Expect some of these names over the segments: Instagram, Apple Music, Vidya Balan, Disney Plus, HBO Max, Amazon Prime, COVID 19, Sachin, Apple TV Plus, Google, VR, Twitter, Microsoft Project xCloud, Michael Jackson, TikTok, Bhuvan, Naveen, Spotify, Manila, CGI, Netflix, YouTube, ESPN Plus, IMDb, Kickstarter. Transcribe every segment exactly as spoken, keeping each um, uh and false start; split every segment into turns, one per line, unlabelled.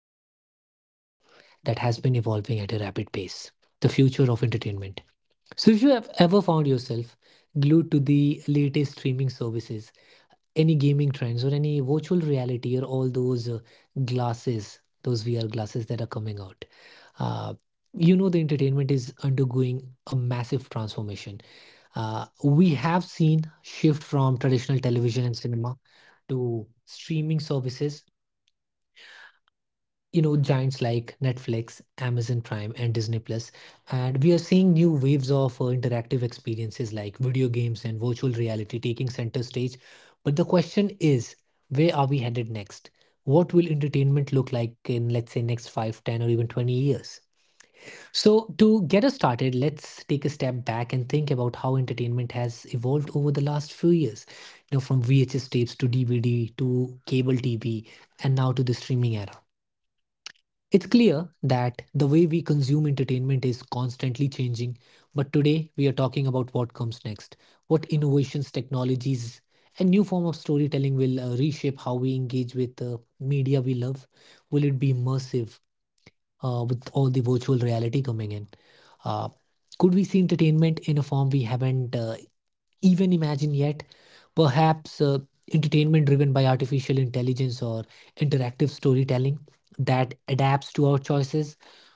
are diving into topic that has been evolving at a rapid pace: the future of entertainment. So, if you have ever found yourself glued to the latest streaming services, any gaming trends, or any virtual reality, or all those uh, glasses, those V R glasses that are coming out, uh, you know the entertainment is undergoing a massive transformation. Uh, we have seen shift from traditional television and cinema to streaming services, you know, giants like Netflix, Amazon Prime, and Disney Plus. And we are seeing new waves of uh, interactive experiences like video games and virtual reality taking center stage. But the question is, where are we headed next? What will entertainment look like in, let's say, next five, ten, or even twenty years? So, to get us started, let's take a step back and think about how entertainment has evolved over the last few years. You know, from V H S tapes to D V D to cable T V and now to the streaming era. It's clear that the way we consume entertainment is constantly changing, but today we are talking about what comes next, what innovations, technologies, and new form of storytelling will uh, reshape how we engage with the media we love. Will it be immersive? Uh, with all the virtual reality coming in. Uh, could we see entertainment in a form we haven't uh, even imagined yet? Perhaps uh, entertainment driven by artificial intelligence or interactive storytelling that adapts to our choices.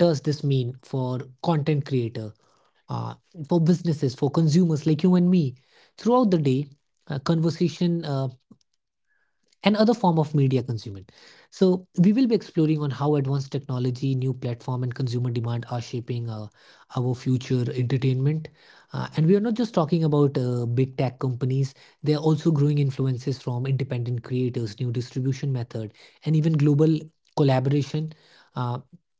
What does this mean for content creator, uh, for businesses, for consumers like you and me? Throughout the day, uh, conversation. Uh, and other form of media consumption. So we will be exploring on how advanced technology, new platform, and consumer demand are shaping uh, our future entertainment. Uh, and we are not just talking about uh, big tech companies; they are also growing influences from independent creators, new distribution method, and even global collaboration. Uh,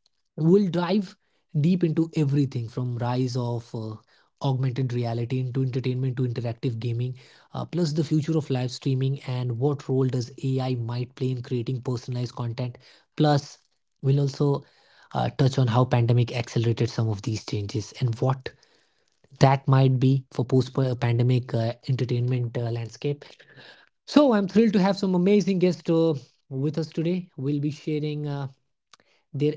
We'll dive deep into everything from rise of uh, augmented reality into entertainment to interactive gaming, uh, plus the future of live streaming and what role does A I might play in creating personalized content. Plus, we'll also uh, touch on how pandemic accelerated some of these changes and what that might be for post-pandemic uh, entertainment uh, landscape. So I'm thrilled to have some amazing guests uh, with us today. We'll be sharing. Uh,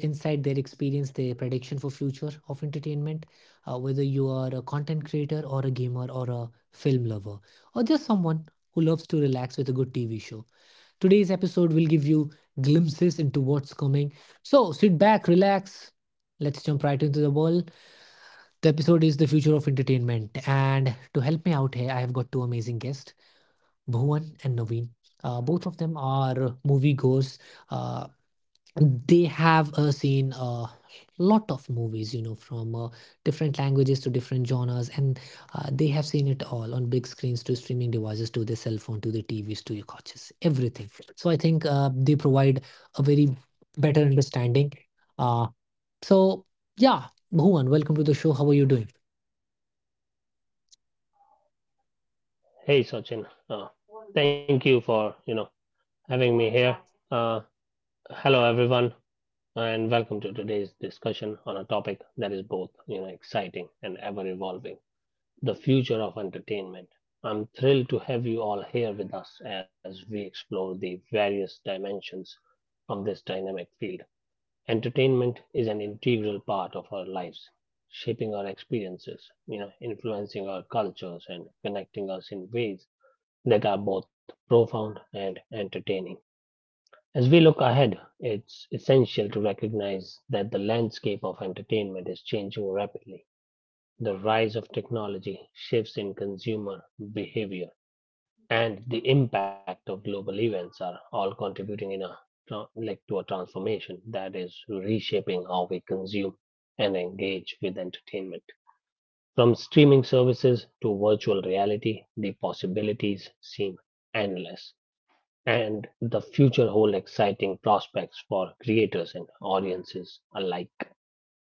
Their insight, their experience, their prediction for future of entertainment, uh, whether you are a content creator or a gamer or a film lover or just someone who loves to relax with a good tv show. Today's episode will give you glimpses into what's coming. So sit back, relax, let's jump right into the world. The episode is the future of entertainment, and to help me out here I have got two amazing guests, Bhuvan and Naveen. Uh, both of them are moviegoers. uh, they have uh, seen a lot of movies, you know, from uh, different languages to different genres, and uh, they have seen it all on big screens, to streaming devices, to their cell phone, to their tvs, to your couches, everything. So I think uh, they provide a very better understanding. uh, so yeah, Bhuvan, welcome to the show. How are you doing?
Hey Sachin, uh, thank you for you know having me here. Uh, hello everyone, and welcome to today's discussion on a topic that is both you know exciting and ever evolving: the future of entertainment. I'm thrilled to have you all here with us as we explore the various dimensions of this dynamic field. Entertainment is an integral part of our lives, shaping our experiences, you know, influencing our cultures, and connecting us in ways that are both profound and entertaining. As we look ahead, it's essential to recognize that the landscape of entertainment is changing rapidly. The rise of technology, shifts in consumer behavior, and the impact of global events are all contributing in a like to a transformation that is reshaping how we consume and engage with entertainment. From streaming services to virtual reality, the possibilities seem endless and the future hold exciting prospects for creators and audiences alike.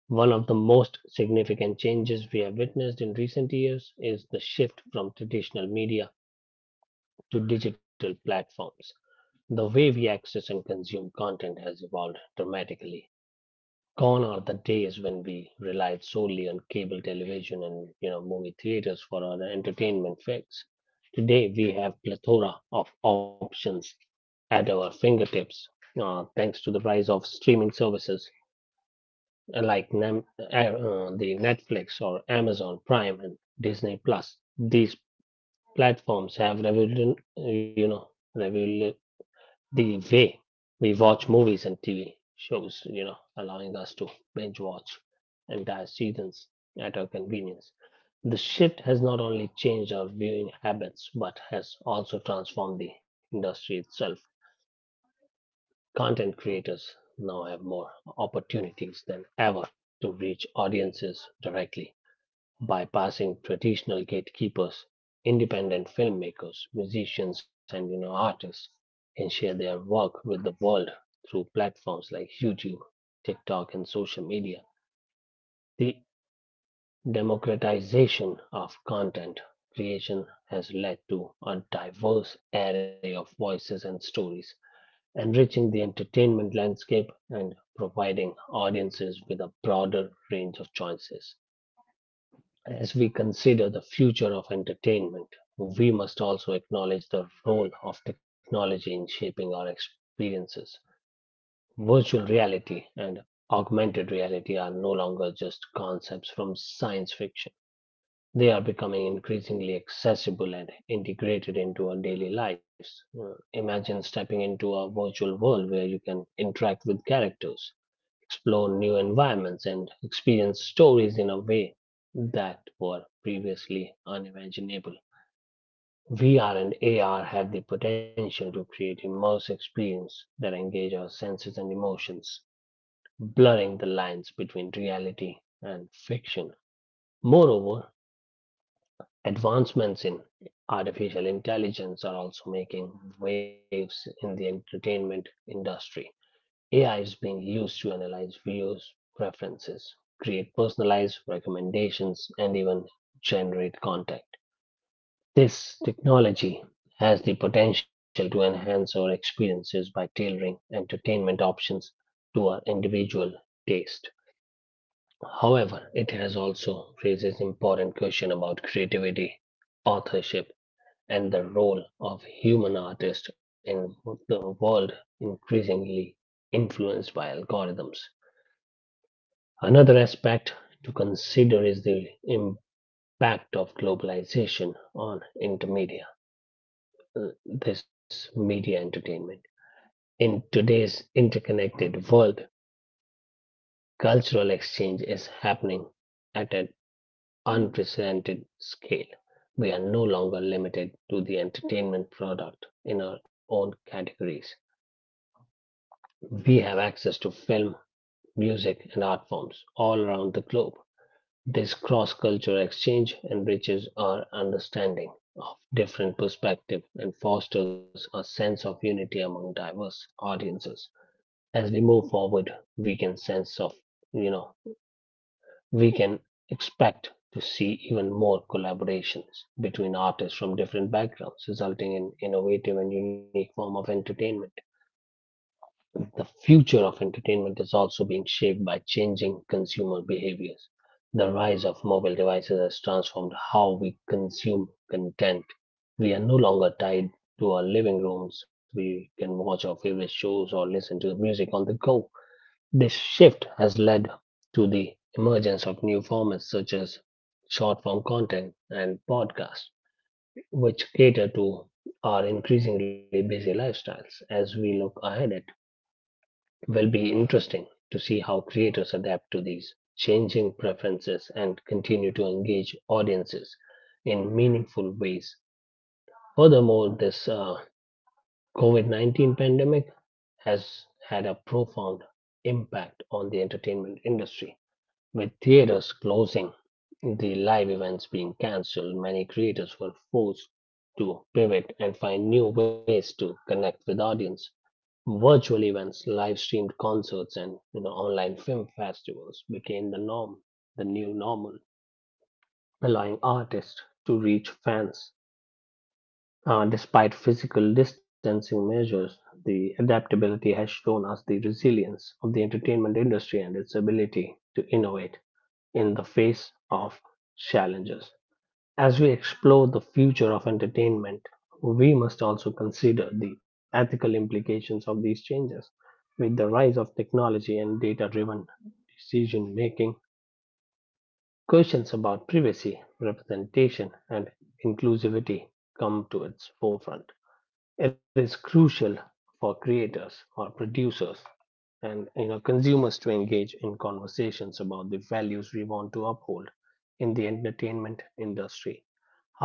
One of the most significant changes we have witnessed in recent years is the shift from traditional media to digital platforms. The way we access and consume content has evolved dramatically. Gone are the days when we relied solely on cable television and you know movie theaters for our entertainment fix. Today we have plethora of options at our fingertips, uh, thanks to the rise of streaming services, uh, like Nem- uh, uh, the Netflix or Amazon Prime and Disney Plus. These platforms have revolution, you know, revol the way we watch movies and T V shows, you know, allowing us to binge watch entire seasons at our convenience. The shift has not only changed our viewing habits, but has also transformed the industry itself. Content creators now have more opportunities than ever to reach audiences directly, bypassing traditional gatekeepers. Independent filmmakers, musicians, and you know artists can share their work with the world through platforms like YouTube, TikTok, and social media. The democratization of content creation has led to a diverse array of voices and stories, enriching the entertainment landscape and providing audiences with a broader range of choices. As we consider the future of entertainment, we must also acknowledge the role of technology in shaping our experiences. Virtual reality and augmented reality are no longer just concepts from science fiction. They are becoming increasingly accessible and integrated into our daily lives. Uh, Imagine stepping into a virtual world where you can interact with characters, explore new environments, and experience stories in a way that were previously unimaginable. V R and A R have the potential to create immersive experiences that engage our senses and emotions, blurring the lines between reality and fiction. Moreover, advancements in artificial intelligence are also making waves in the entertainment industry. A I is being used to analyze videos, preferences, create personalized recommendations, and even generate content. This technology has the potential to enhance our experiences by tailoring entertainment options to our individual taste. However, it has also raises important questions about creativity, authorship, and the role of human artists in the world increasingly influenced by algorithms. Another aspect to consider is the impact of globalization on intermedia, uh, this media entertainment. In today's interconnected world, cultural exchange is happening at an unprecedented scale. We are no longer limited to the entertainment product in our own categories. We have access to film, music, and art forms all around the globe. This cross cultural exchange enriches our understanding of different perspectives and fosters a sense of unity among diverse audiences. As we move forward, we can sense of, you know, we can expect to see even more collaborations between artists from different backgrounds, resulting in innovative and unique form of entertainment. The future of entertainment is also being shaped by changing consumer behaviors. The rise of mobile devices has transformed how we consume content. We are no longer tied to our living rooms. We can watch our favorite shows or listen to the music on the go. This shift has led to the emergence of new formats such as short form content and podcasts, which cater to our increasingly busy lifestyles. As we look ahead at will be interesting to see how creators adapt to these changing preferences and continue to engage audiences in meaningful ways. Furthermore, this uh, COVID nineteen pandemic has had a profound impact on the entertainment industry, with theaters closing, the live events being cancelled, many creators were forced to pivot and find new ways to connect with audience. Virtual events, live-streamed concerts, and you know, online film festivals became the norm, the new normal, allowing artists to reach fans. Uh, despite physical distancing measures, the adaptability has shown us the resilience of the entertainment industry and its ability to innovate in the face of challenges. As we explore the future of entertainment, we must also consider the ethical implications of these changes. With the rise of technology and data driven decision making, questions about privacy, representation, and inclusivity come to its forefront. It is crucial for creators or producers and you know consumers to engage in conversations about the values we want to uphold in the entertainment industry.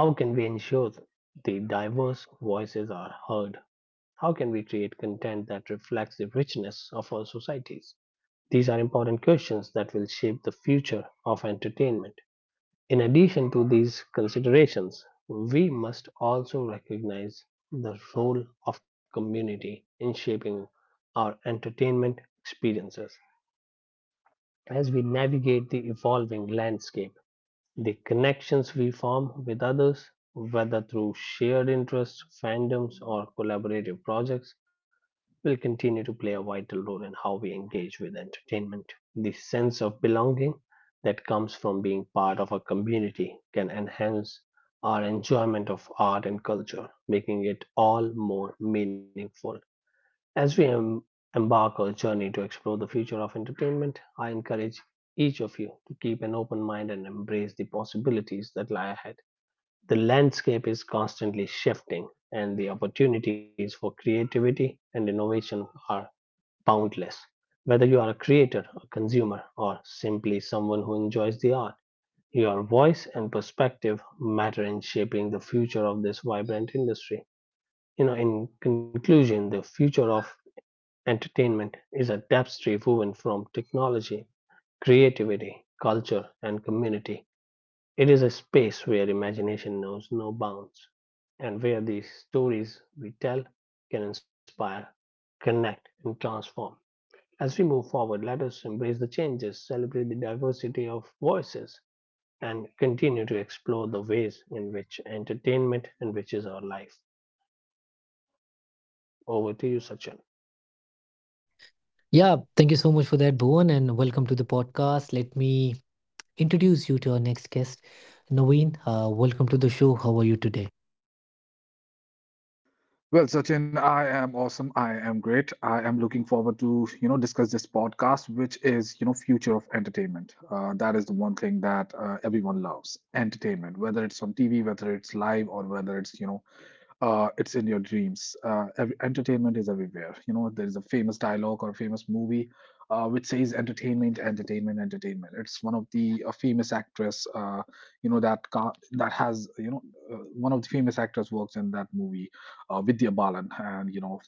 How can we ensure th- the diverse voices are heard? How can we create content that reflects the richness of our societies? These are important questions that will shape the future of entertainment. In addition to these considerations, we must also recognize the role of community in shaping our entertainment experiences. As we navigate the evolving landscape, the connections we form with others, whether through shared interests, fandoms, or collaborative projects, will continue to play a vital role in how we engage with entertainment. The sense of belonging that comes from being part of a community can enhance our enjoyment of art and culture, making it all more meaningful. As we em- embark on a journey to explore the future of entertainment, I encourage each of you to keep an open mind and embrace the possibilities that lie ahead. The landscape is constantly shifting, and the opportunities for creativity and innovation are boundless. Whether you are a creator, a consumer, or simply someone who enjoys the art, your voice and perspective matter in shaping the future of this vibrant industry. You know, in conclusion, the future of entertainment is a tapestry woven from technology, creativity, culture, and community. It is a space where imagination knows no bounds and where the stories we tell can inspire, connect, and transform. As we move forward, let us embrace the changes, celebrate the diversity of voices, and continue to explore the ways in which entertainment enriches our life. Over to you, Sachin.
Yeah, thank you so much for that, Bhuvan, and welcome to the podcast. Let me introduce you to our next guest, Naveen. Uh, welcome to the show. How are you today?
Well, Sachin, I am awesome. I am great. I am looking forward to, you know, discuss this podcast, which is, you know, future of entertainment. Uh, that is the one thing that uh, everyone loves, entertainment, whether it's on T V, whether it's live, or whether it's, you know, uh, it's in your dreams. Uh, ev- entertainment is everywhere. You know, there is a famous dialogue or a famous movie uh, which says entertainment, entertainment, entertainment. It's one of the uh, famous actress, uh, you know, that ca- that has, you know, uh, one of the famous actors works in that movie, uh, Vidya Balan. And, you know,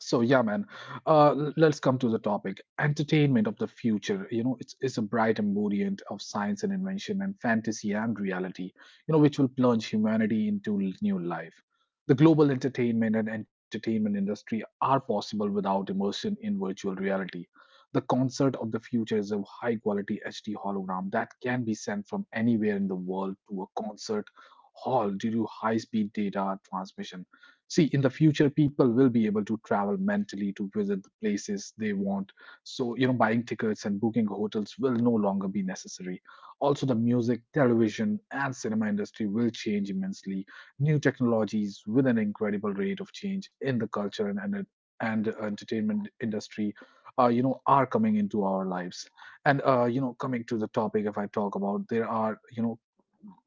so yeah, man. Uh, let's come to the topic. Entertainment of the future. You know, it's it's a bright emollient of science and invention and fantasy and reality. You know, which will plunge humanity into l- new life. The global entertainment and entertainment industry are possible without immersion in virtual reality. The concert of the future is a high quality H D hologram that can be sent from anywhere in the world to a concert hall due to high speed data transmission. See, in the future people will be able to travel mentally to visit the places they want. So you know, buying tickets and booking hotels will no longer be necessary. Also, the music, television and cinema industry will change immensely. New technologies with an incredible rate of change in the culture and and, and entertainment industry uh, you know, are coming into our lives. And uh, you know, coming to the topic, if I talk about, there are you know,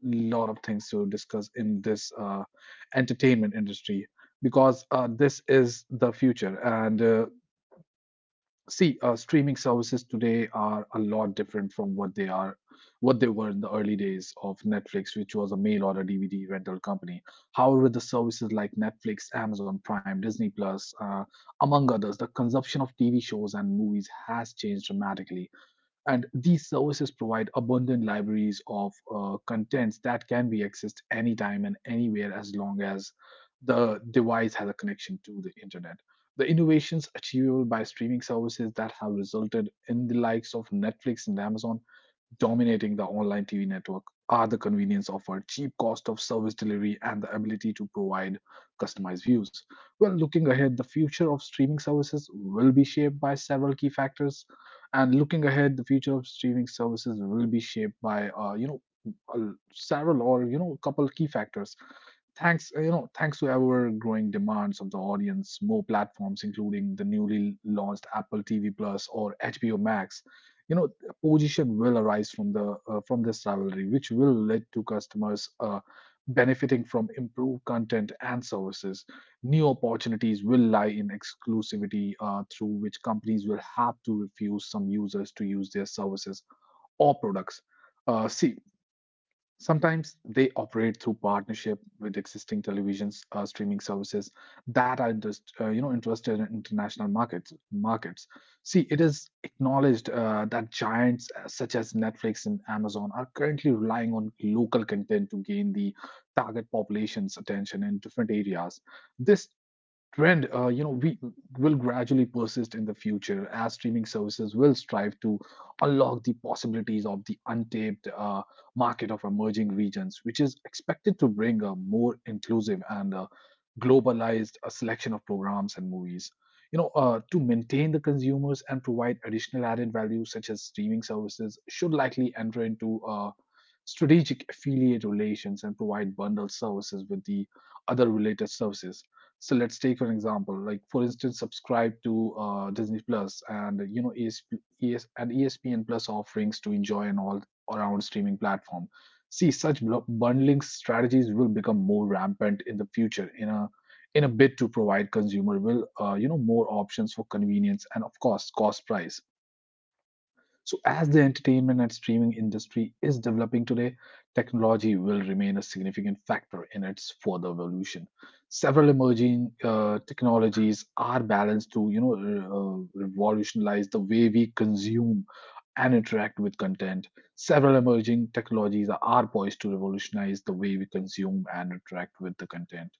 lot of things to discuss in this uh, entertainment industry because uh, this is the future. And uh, see, uh, streaming services today are a lot different from what they are, what they were in the early days of Netflix, which was a mail order D V D rental company. However, the services like Netflix, Amazon Prime, Disney Plus, uh, among others, the consumption of T V shows and movies has changed dramatically, and these services provide abundant libraries of uh, contents that can be accessed anytime and anywhere as long as the device has a connection to the internet. The innovations achievable by streaming services that have resulted in the likes of Netflix and Amazon dominating the online T V network are the convenience offered, cheap cost of service delivery, and the ability to provide customized views. Well, looking ahead, the future of streaming services will be shaped by several key factors, and looking ahead, the future of streaming services will be shaped by uh, you know, a- several, or you know, a couple key factors. Thanks uh, you know thanks to ever growing demands of the audience, more platforms including the newly launched Apple TV Plus or HBO Max, you know, a position will arise from the uh, from this rivalry, which will lead to customers uh, benefiting from improved content and services. New opportunities will lie in exclusivity uh, through which companies will have to refuse some users to use their services or products. Uh, see, sometimes they operate through partnership with existing televisions uh, streaming services that are just uh, you know, interested in international markets. Markets. See, it is acknowledged uh, that giants uh, such as Netflix and Amazon are currently relying on local content to gain the target population's attention in different areas. This trend uh, you know we will gradually persist in the future as streaming services will strive to unlock the possibilities of the untapped uh, market of emerging regions, which is expected to bring a more inclusive and uh, globalized uh, selection of programs and movies. You know, uh, to maintain the consumers and provide additional added value, such as streaming services should likely enter into uh, strategic affiliate relations and provide bundled services with the other related services. So let's take for example, like for instance, subscribe to uh, Disney Plus and you know, E S P E S, and ESPN Plus offerings to enjoy an all around streaming platform. See, such bundling strategies will become more rampant in the future, in a in a bid to provide consumer will, uh, you know, more options for convenience and of course cost price. So, as the entertainment and streaming industry is developing today, technology will remain a significant factor in its further evolution. Several emerging uh, technologies are balanced to, you know, re- uh, revolutionize the way we consume and interact with content. Several emerging technologies are poised to revolutionize the way we consume and interact with the content.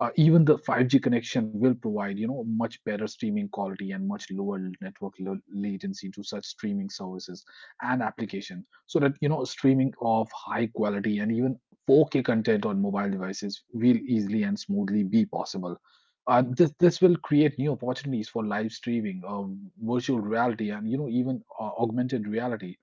Uh, even the five G connection will provide, you know, much better streaming quality and much lower network lo- latency to such streaming services and application, so that you know, streaming of high quality and even four K content on mobile devices will easily and smoothly be possible. Uh, this this will create new opportunities for live streaming, um, virtual reality, and you know, even uh, augmented reality.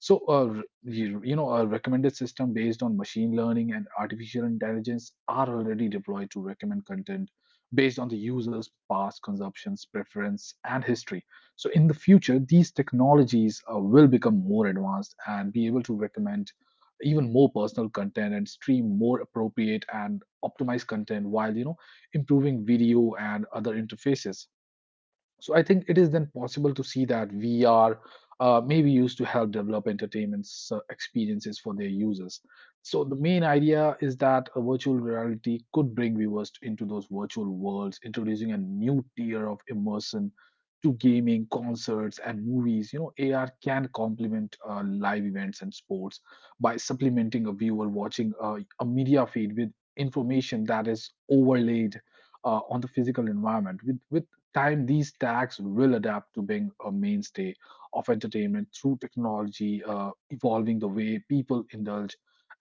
So, uh, r- you you know, a recommended system based on machine learning and artificial intelligence are already deployed to recommend content based on the user's past consumptions, preference, and history. So, in the future, these technologies uh, will become more advanced and be able to recommend even more personal content and stream more appropriate and optimized content, while you know, improving video and other interfaces. So I think it is then possible to see that V R uh, may be used to help develop entertainment uh, experiences for their users. So the main idea is that a virtual reality could bring viewers into those virtual worlds, introducing a new tier of immersion to gaming, concerts, and movies. You know, A R can complement uh, live events and sports by supplementing a viewer watching uh, a media feed with information that is overlaid uh, on the physical environment. With with time, these tags will adapt to being a mainstay of entertainment through technology, uh, evolving the way people indulge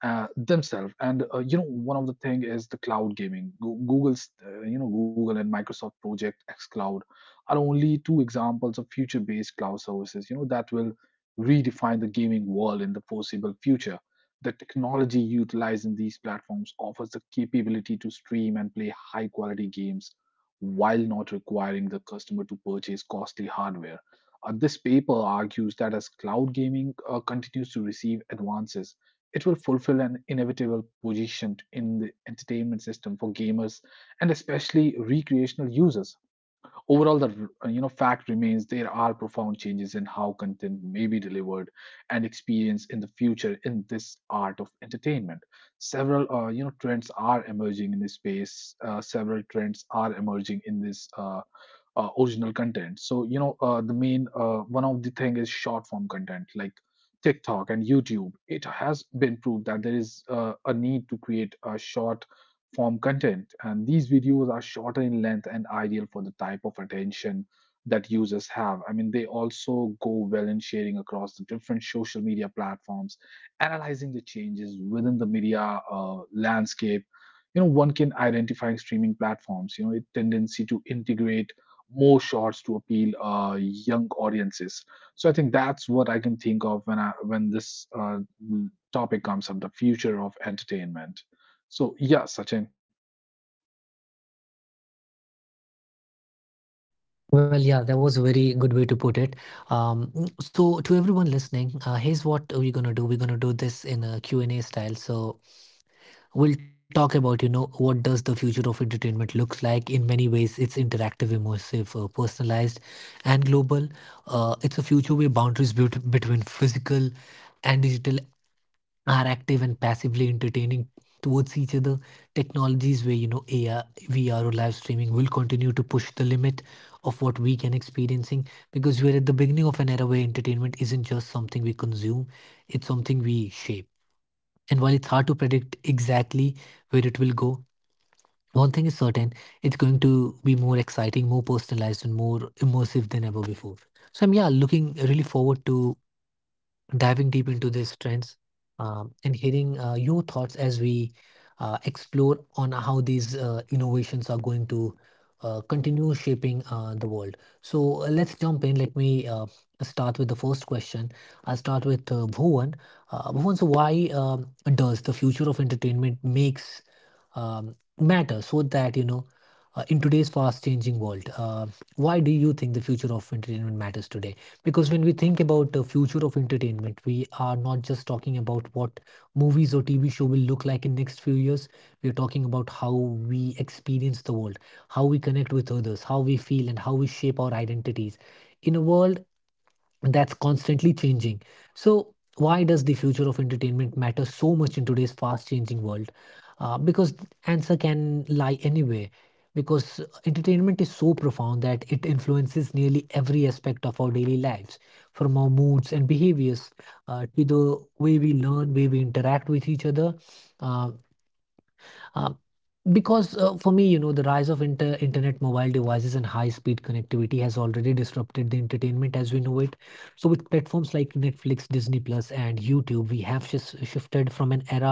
uh, themselves. And uh, you know, one of the thing is the cloud gaming. Go- Google's, uh, you know, Google and Microsoft Project xCloud are only two examples of future-based cloud services. You know, that will redefine the gaming world in the foreseeable future. The technology utilized in these platforms offers the capability to stream and play high-quality games while not requiring the customer to purchase costly hardware. Uh, this paper argues that as cloud gaming uh, continues to receive advances, it will fulfill an inevitable position in the entertainment system for gamers and especially recreational users. Overall, the uh, you know, fact remains there are profound changes in how content may be delivered and experienced in the future in this art of entertainment. Several uh, you know trends are emerging in this space. Uh, several trends are emerging in this uh, uh, original content. So you know, uh, the main uh, one of the thing is short form content like TikTok and YouTube. It has been proved that there is uh, a need to create a short form content. And these videos are shorter in length and ideal for the type of attention that users have. I mean, they also go well in sharing across the different social media platforms, analyzing the changes within the media uh, landscape. You know, one can identify streaming platforms, you know, a tendency to integrate more shorts to appeal uh, young audiences. So I think that's what I can think of when I when this uh, topic comes up, the future of entertainment. So yeah, Sachin.
Well, yeah, that was a very good way to put it. Um, mm, so, to everyone listening, uh, here's what we're gonna do. We're gonna do this in a Q and a style. So, we'll talk about, you know, what does the future of entertainment looks like? In many ways, it's interactive, immersive, uh, personalized, and global. Uh, it's a future where boundaries bet- between physical and digital are active and passively entertaining towards each other. Technologies where, you know, A R, V R or live streaming will continue to push the limit of what we can experiencing, because we're at the beginning of an era where entertainment isn't just something we consume, it's something we shape. And while it's hard to predict exactly where it will go, one thing is certain, it's going to be more exciting, more personalized, and more immersive than ever before. So I'm, yeah, looking really forward to diving deep into these trends, um, and hearing uh, your thoughts as we uh, explore on how these uh, innovations are going to uh, continue shaping uh, the world. So uh, let's jump in. Let me uh, start with the first question. I'll start with uh, Bhuvan. Uh, Bhuvan, so why um, does the future of entertainment makes um, matter, so that, you know, uh, in today's fast changing world, uh, why do you think the future of entertainment matters today? Because when we think about the future of entertainment, we are not just talking about what movies or T V show will look like in next few years. We are talking about how we experience the world, how we connect with others, how we feel, and how we shape our identities. In a world that's constantly changing. So, why does the future of entertainment matter so much in today's fast changing world? Uh, because the answer can lie anywhere. Because entertainment is so profound that it influences nearly every aspect of our daily lives, from our moods and behaviors uh, to the way we learn, way we interact with each other, uh, uh, because uh, for me, you know, the rise of inter- internet, mobile devices, and high speed connectivity has already disrupted the entertainment as we know it. So, with platforms like Netflix, Disney Plus, and YouTube, we have shis- shifted from an era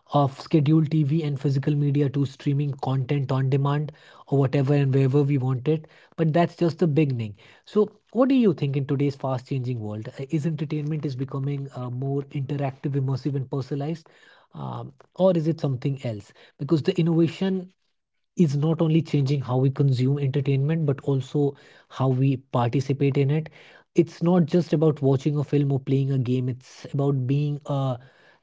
of scheduled T V and physical media to streaming content on demand or whatever and wherever we want it. But that's just the beginning. So, what do you think in today's fast changing world? Uh, Is entertainment is becoming uh, more interactive, immersive, and personalized, um, or is it something else? Because the innovation is not only changing how we consume entertainment but also how we participate in it. It's not just about watching a film or playing a game, it's about being a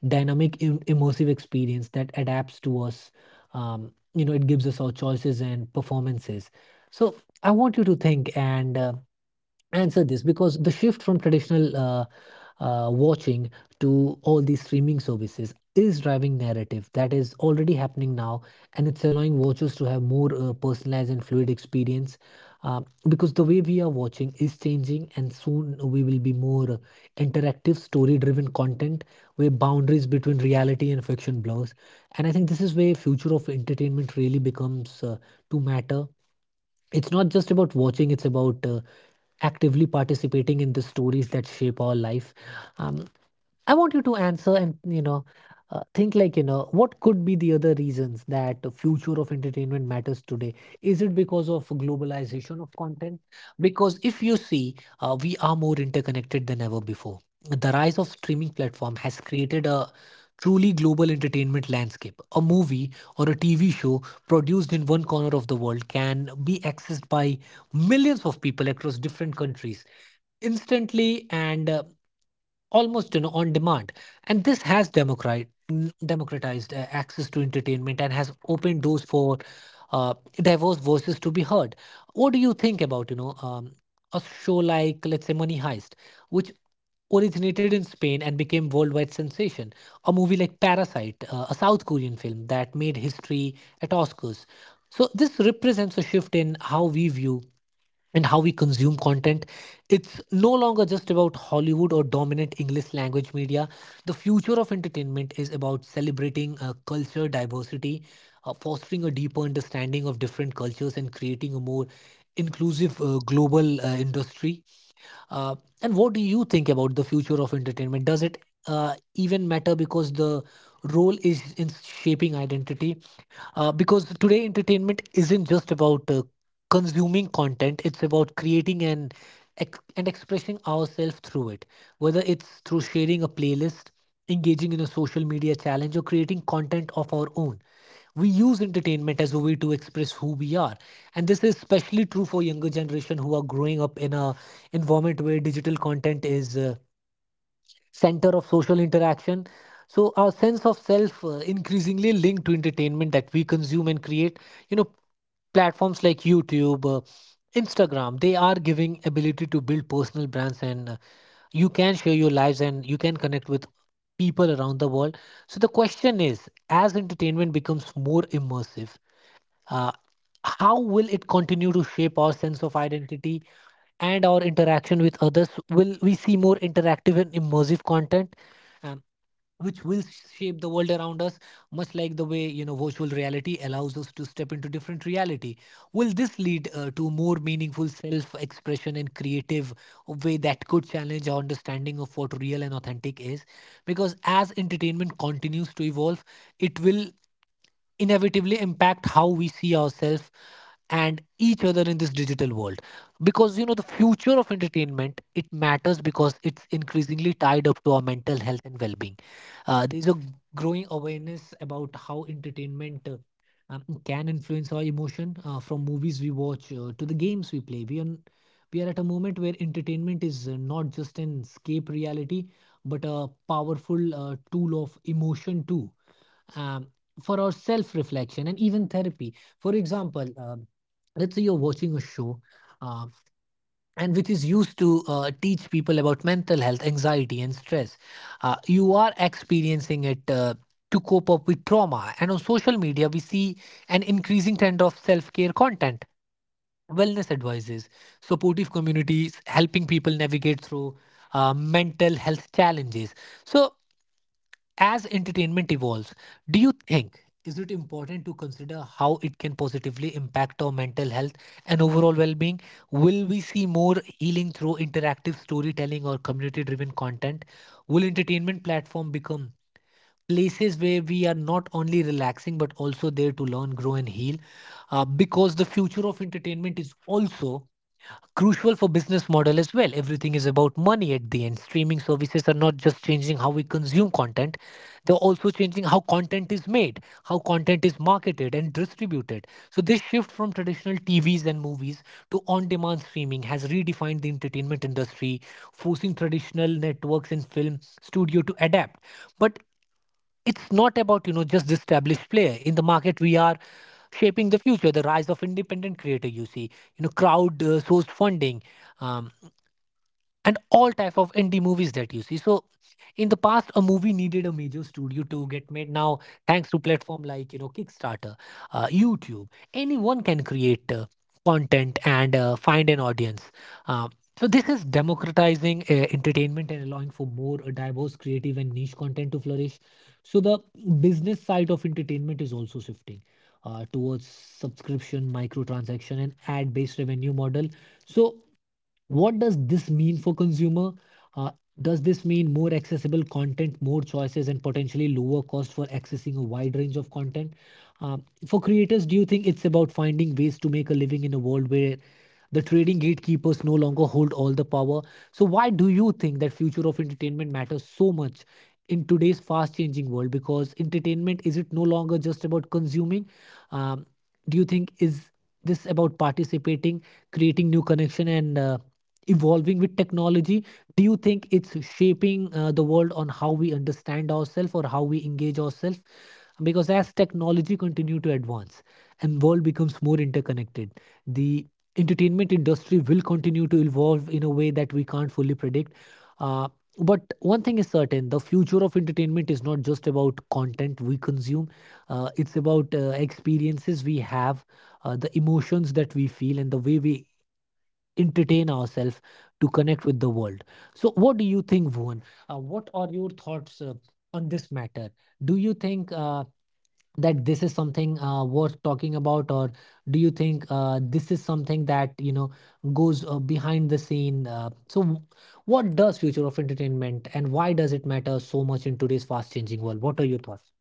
dynamic, im- immersive experience that adapts to us. Um, you know, it gives us our choices and performances. So I want you to think and uh, answer this, because the shift from traditional uh, uh, watching to all these streaming services is driving narrative that is already happening now, and it's allowing watchers to have more uh, personalized and fluid experience. uh, because the way we are watching is changing, and soon we will be more uh, interactive story driven content where boundaries between reality and fiction blurs. And I think this is where future of entertainment really becomes uh, to matter. It's not just about watching, it's about uh, actively participating in the stories that shape our life. um, I want you to answer and, you know, uh, think, like, you know, what could be the other reasons that the future of entertainment matters today? Is it because of globalization of content? Because if you see, uh, we are more interconnected than ever before. The rise of streaming platform has created a truly global entertainment landscape. A movie or a tv show produced in one corner of the world can be accessed by millions of people across different countries instantly and uh, almost, you know, on demand. And this has democrat democratized uh, access to entertainment and has opened doors for uh, diverse voices to be heard. What do you think about, you know, um, a show like, let's say, Money Heist, which originated in Spain and became worldwide sensation? A movie like Parasite, uh, a South Korean film that made history at Oscars. So this represents a shift in how we view and how we consume content. It's no longer just about Hollywood or dominant English language media. The future of entertainment is about celebrating uh, culture diversity, uh, fostering a deeper understanding of different cultures, and creating a more inclusive uh, global uh, industry. Uh, and what do you think about the future of entertainment? Does it uh, even matter because the role is in shaping identity? Uh, because today, entertainment isn't just about uh, consuming content, it's about creating and ex- and expressing ourselves through it, whether it's through sharing a playlist, engaging in a social media challenge, or creating content of our own. We use entertainment as a way to express who we are, and this is especially true for younger generation who are growing up in a environment where digital content is uh, center of social interaction. So our sense of self uh, increasingly linked to entertainment that we consume and create, you know, platforms like youtube, uh, instagram, they are giving ability to build personal brands, and uh, you can share your lives and you can connect with people around the world. So the question is, as entertainment becomes more immersive, uh, how will it continue to shape our sense of identity and our interaction with others? Will we see more interactive and immersive content, um, which will shape the world around us, much like the way, you know, virtual reality allows us to step into different reality? Will this lead uh, to more meaningful self expression and creative way that could challenge our understanding of what real and authentic is? Because as entertainment continues to evolve, it will inevitably impact how we see ourselves and each other in this digital world. Because, you know, the future of entertainment, it matters because it's increasingly tied up to our mental health and well-being. Uh, there's a growing awareness about how entertainment uh, um, can influence our emotion, uh, from movies we watch uh, to the games we play. We are, we are at a moment where entertainment is uh, not just an escape reality, but a powerful uh, tool of emotion too, um, for our self reflection and even therapy. For example, um, let's say you're watching a show uh, and which is used to uh, teach people about mental health, anxiety, and stress. Uh, you are experiencing it Uh, to cope up with trauma. And on social media we see an increasing trend of self-care content, wellness advices, supportive communities helping people navigate through uh, mental health challenges. So as entertainment evolves, do you think is it important to consider how it can positively impact our mental health and overall well-being? Will we see more healing through interactive storytelling or community-driven content? Will entertainment platform become places where we are not only relaxing but also there to learn, grow, and heal? Uh, because the future of entertainment is also crucial for business model as well. Everything is about money at the end. Streaming services are not just changing how we consume content, they're also changing how content is made, how content is marketed and distributed. So this shift from traditional tvs and movies to on demand streaming has redefined the entertainment industry, forcing traditional networks and film studio to adapt. But it's not about, you know, just the established player in the market. We are shaping the future, the rise of independent creator, you see, you know, crowd uh, sourced funding, um, and all type of indie movies that you see. So in the past, a movie needed a major studio to get made. Now, thanks to platform like, you know, kickstarter, uh, youtube, anyone can create uh, content and uh, find an audience. uh, so this is democratizing uh, entertainment and allowing for more uh, diverse creative and niche content to flourish. So the business side of entertainment is also shifting uh, towards subscription, microtransaction, and ad based revenue model. So what does this mean for consumer? uh, does this mean more accessible content, more choices, and potentially lower cost for accessing a wide range of content? Um, for creators, do you think it's about finding ways to make a living in a world where the trading gatekeepers no longer hold all the power? So why do you think that future of entertainment matters so much in today's fast changing world? Because entertainment is it no longer just about consuming? Um, do you think is this about participating, creating new connection, and uh, evolving with technology? Do you think it's shaping uh, the world on how we understand ourselves or how we engage ourselves? Because as technology continue to advance and world becomes more interconnected, the entertainment industry will continue to evolve in a way that we can't fully predict. uh, but one thing is certain, the future of entertainment is not just about content we consume, uh, it's about uh, experiences we have, uh, the emotions that we feel, and the way we entertain ourselves to connect with the world. So, what do you think, Bhuvan? Uh, what are your thoughts uh, on this matter? Do you think uh, that this is something uh, worth talking about, or do you think uh, this is something that, you know, goes uh, behind the scene? Uh, so, w- what does future of entertainment and why does it matter so much in today's fast-changing world? What are your thoughts?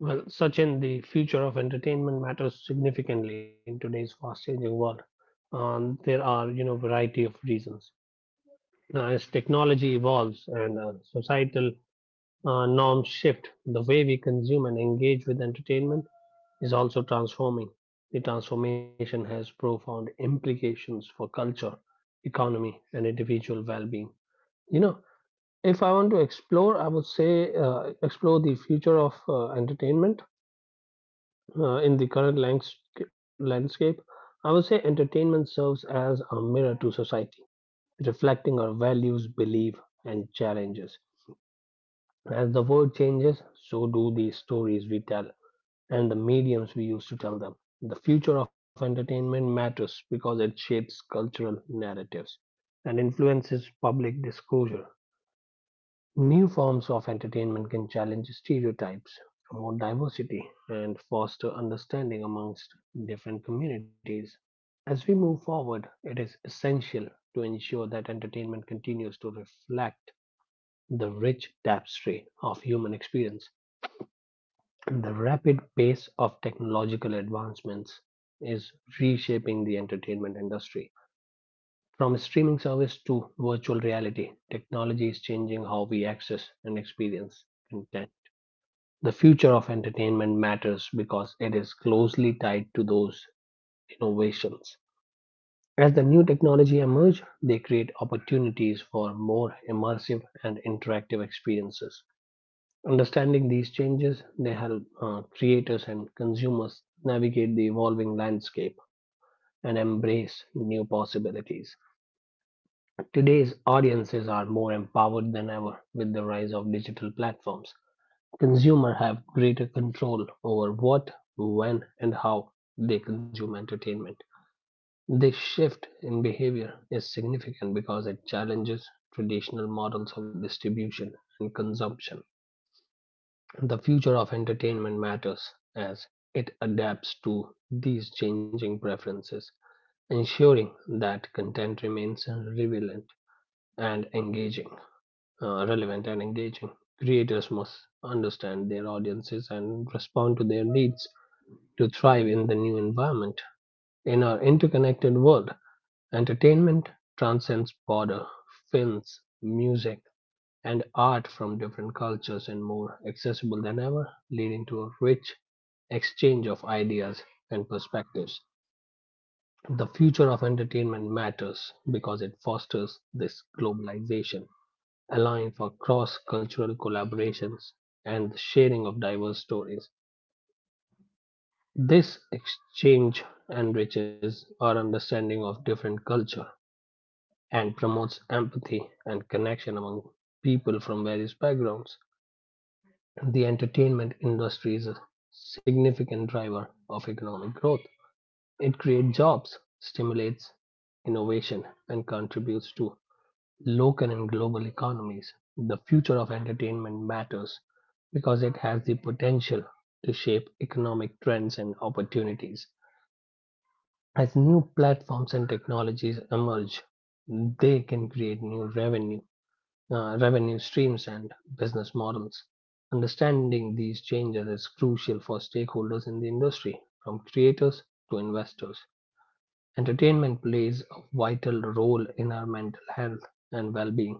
Well, Sachin, the future of entertainment matters significantly in today's fast-changing world. Um, there are, you know, variety of reasons. Now, as technology evolves and uh, societal uh, norms shift, the way we consume and engage with entertainment is also transforming. The transformation has profound implications for culture, economy, and individual well being. You know, if I want to explore, I would say uh, explore the future of uh, entertainment uh, in the current lands- landscape. I would say entertainment serves as a mirror to society, reflecting our values, beliefs, and challenges. As the world changes, so do the stories we tell. and the mediums we use to tell them. The future of entertainment matters because it shapes cultural narratives and influences public disclosure. New forms of entertainment can challenge stereotypes, promote diversity, and foster understanding amongst different communities. As we move forward, it is essential to ensure that entertainment continues to reflect the rich tapestry of human experience. The rapid pace of technological advancements is reshaping the entertainment industry. From streaming service to virtual reality, technology is changing how we access and experience content. The future of entertainment matters because it is closely tied to those innovations. As the new technology emerge, they create opportunities for more immersive and interactive experiences. Understanding these changes, they help uh, creators and consumers navigate the evolving landscape and embrace new possibilities. Today's audiences are more empowered than ever with the rise of digital platforms. Consumers have greater control over what, when, and how they consume entertainment. This shift in behavior is significant because it challenges traditional models of distribution and consumption. The future of entertainment matters as it adapts to these changing preferences, ensuring that content remains relevant and engaging. Uh, relevant and engaging. Creators must understand their audiences and respond to their needs to thrive in the new environment. In our interconnected world, entertainment transcends border, films, music, and art from different cultures and more accessible than ever, leading to a rich exchange of ideas and perspectives. The future of entertainment matters because it fosters this globalization, allowing for cross cultural collaborations and the sharing of diverse stories. This exchange enriches our understanding of different culture and promotes empathy and connection among people from various backgrounds. The entertainment industry is a significant driver of economic growth. It creates jobs, stimulates innovation, and contributes to local and global economies. The future of entertainment matters because it has the potential to shape economic trends and opportunities. As new platforms and technologies emerge, they can create new revenue uh, revenue streams and business models. Understanding these changes is crucial for stakeholders in the industry, from creators to investors. Entertainment plays a vital role in our mental health and well being.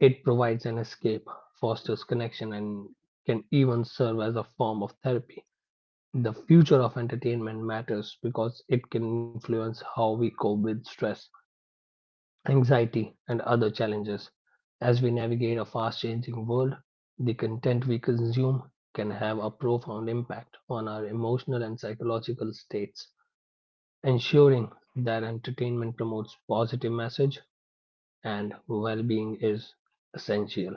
It provides an escape, fosters connection, and can even serve as a form of therapy. The future of entertainment matters because it can influence how we cope with stress, anxiety, and other challenges. As we navigate a fast changing world, the content we consume can have a profound impact on our emotional and psychological states. Ensuring that entertainment promotes positive message and well being is essential.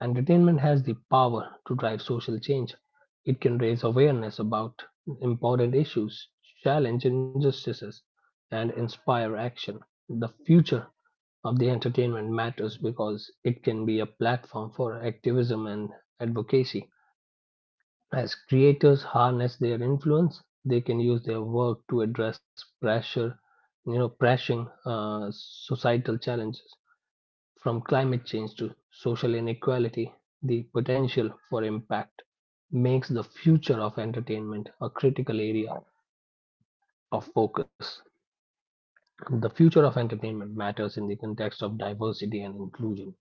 Entertainment has the power to drive social change. It can raise awareness about important issues, challenge injustices, and inspire action. The future of the entertainment matters because it can be a platform for activism and advocacy. As creators harness their influence, they can use their work to address pressure, you know, pressing uh, societal challenges from climate change to social inequality. The potential for impact makes the future of entertainment a critical area of focus. The future of entertainment matters in the context of diversity and inclusion.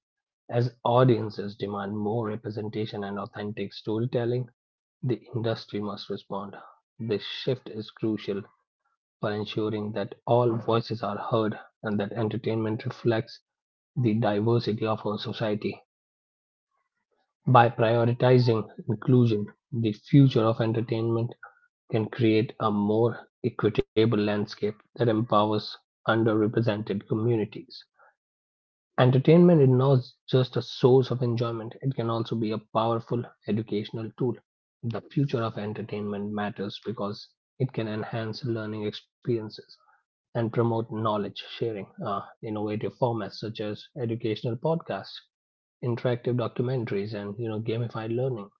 As audiences demand more representation and authentic storytelling, the industry must respond. This shift is crucial for ensuring that all voices are heard and that entertainment reflects the diversity of our society. By prioritizing inclusion, the future of entertainment can create a more equitable landscape that empowers underrepresented communities. Entertainment is not just a source of enjoyment, it can also be a powerful educational tool. The future of entertainment matters because it can enhance learning experiences and promote knowledge sharing. Uh, innovative formats such as educational podcasts, interactive documentaries, and you know gamified learning.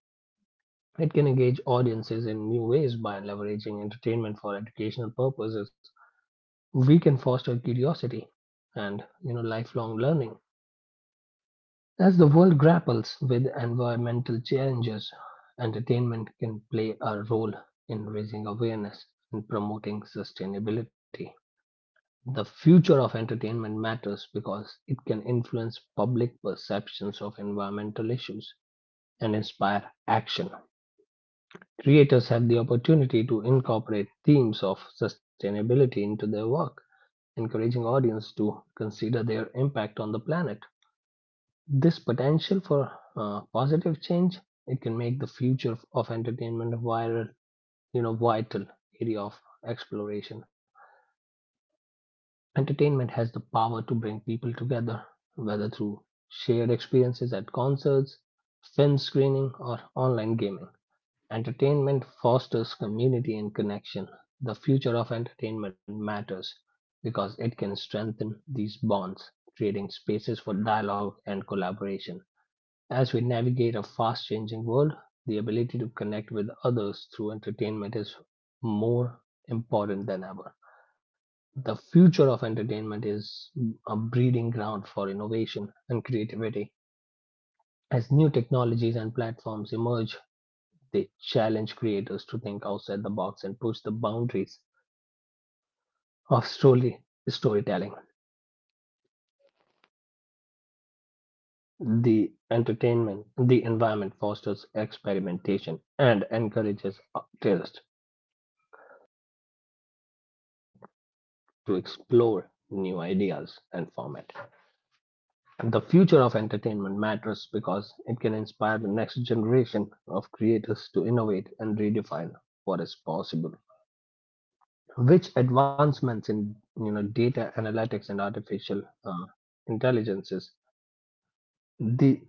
It can engage audiences in new ways by leveraging entertainment for educational purposes. We can foster curiosity and you know lifelong learning. As the world grapples with environmental challenges, entertainment can play a role in raising awareness and promoting sustainability. The future of entertainment matters because it can influence public perceptions of environmental issues and inspire action. Creators have the opportunity to incorporate themes of sustainability into their work, encouraging audience to consider their impact on the planet. This potential for uh, positive change it can make the future of entertainment a viral, you know, vital area of exploration. Entertainment has the power to bring people together, whether through shared experiences at concerts, film screening, or online gaming. Entertainment fosters community and connection. The future of entertainment matters because it can strengthen these bonds, creating spaces for dialogue and collaboration. As we navigate a fast changing world, the ability to connect with others through entertainment is more important than ever. The future of entertainment is a breeding ground for innovation and creativity. As new technologies and platforms emerge, they challenge creators to think outside the box and push the boundaries of story storytelling. The entertainment, the environment fosters experimentation and encourages artists to explore new ideas and format. The future of entertainment matters because it can inspire the next generation of creators to innovate and redefine what is possible. Which advancements in you know data analytics and artificial uh, intelligences, the